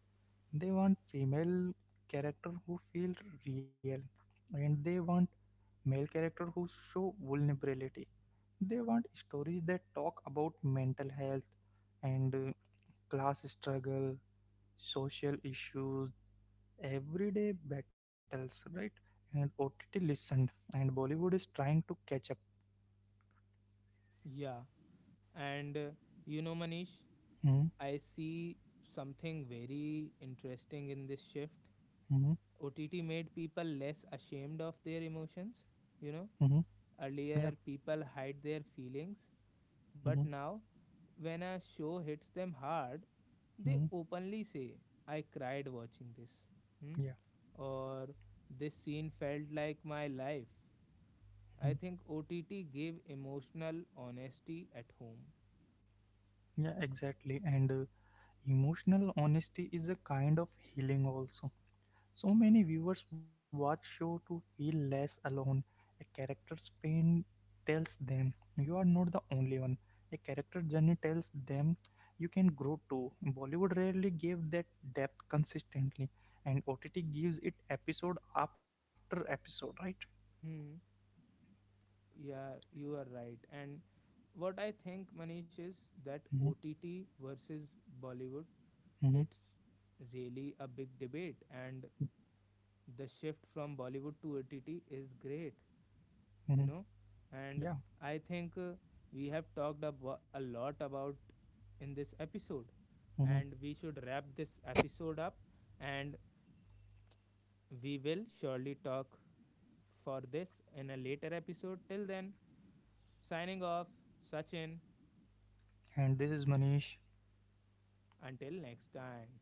They want female character who feel real, and they want male character who show vulnerability. They want stories that talk about mental health and uh, class struggle, social issues, everyday battles, right? And O T T listened, and Bollywood is trying to catch up.
Yeah, and uh, you know, Manish,
Hmm.
I see something very interesting in this shift.
Hmm.
O T T made people less ashamed of their emotions, you know.
Hmm. Yeah.
Earlier, people hide their feelings,
Mhm.
but now, when a show hits them hard, they
Hmm.
openly say, "I cried watching this," hmm?
Yeah.
Or, "this scene felt like my life."
Hmm.
I think O T T gave emotional honesty at home.
Yeah, exactly. And uh, emotional honesty is a kind of healing also. So many viewers watch show to feel less alone. A character's pain tells them you are not the only one. A character journey tells them you can grow too. Bollywood rarely gave that depth consistently, and O T T gives it episode after episode, right?
Hmm. Yeah, you are right. And what I think, Manish, is that
Mm-hmm.
O T T versus Bollywood,
Mm-hmm.
it's really a big debate. And the shift from Bollywood to O T T is great,
Mm-hmm.
you know.
Yeah.
And I think uh, we have talked abo- a lot about in this episode,
Mm-hmm.
and we should wrap this episode up. And we will surely talk for this in a later episode. Till then, signing off, Sachin.
And this is Manish.
Until next time.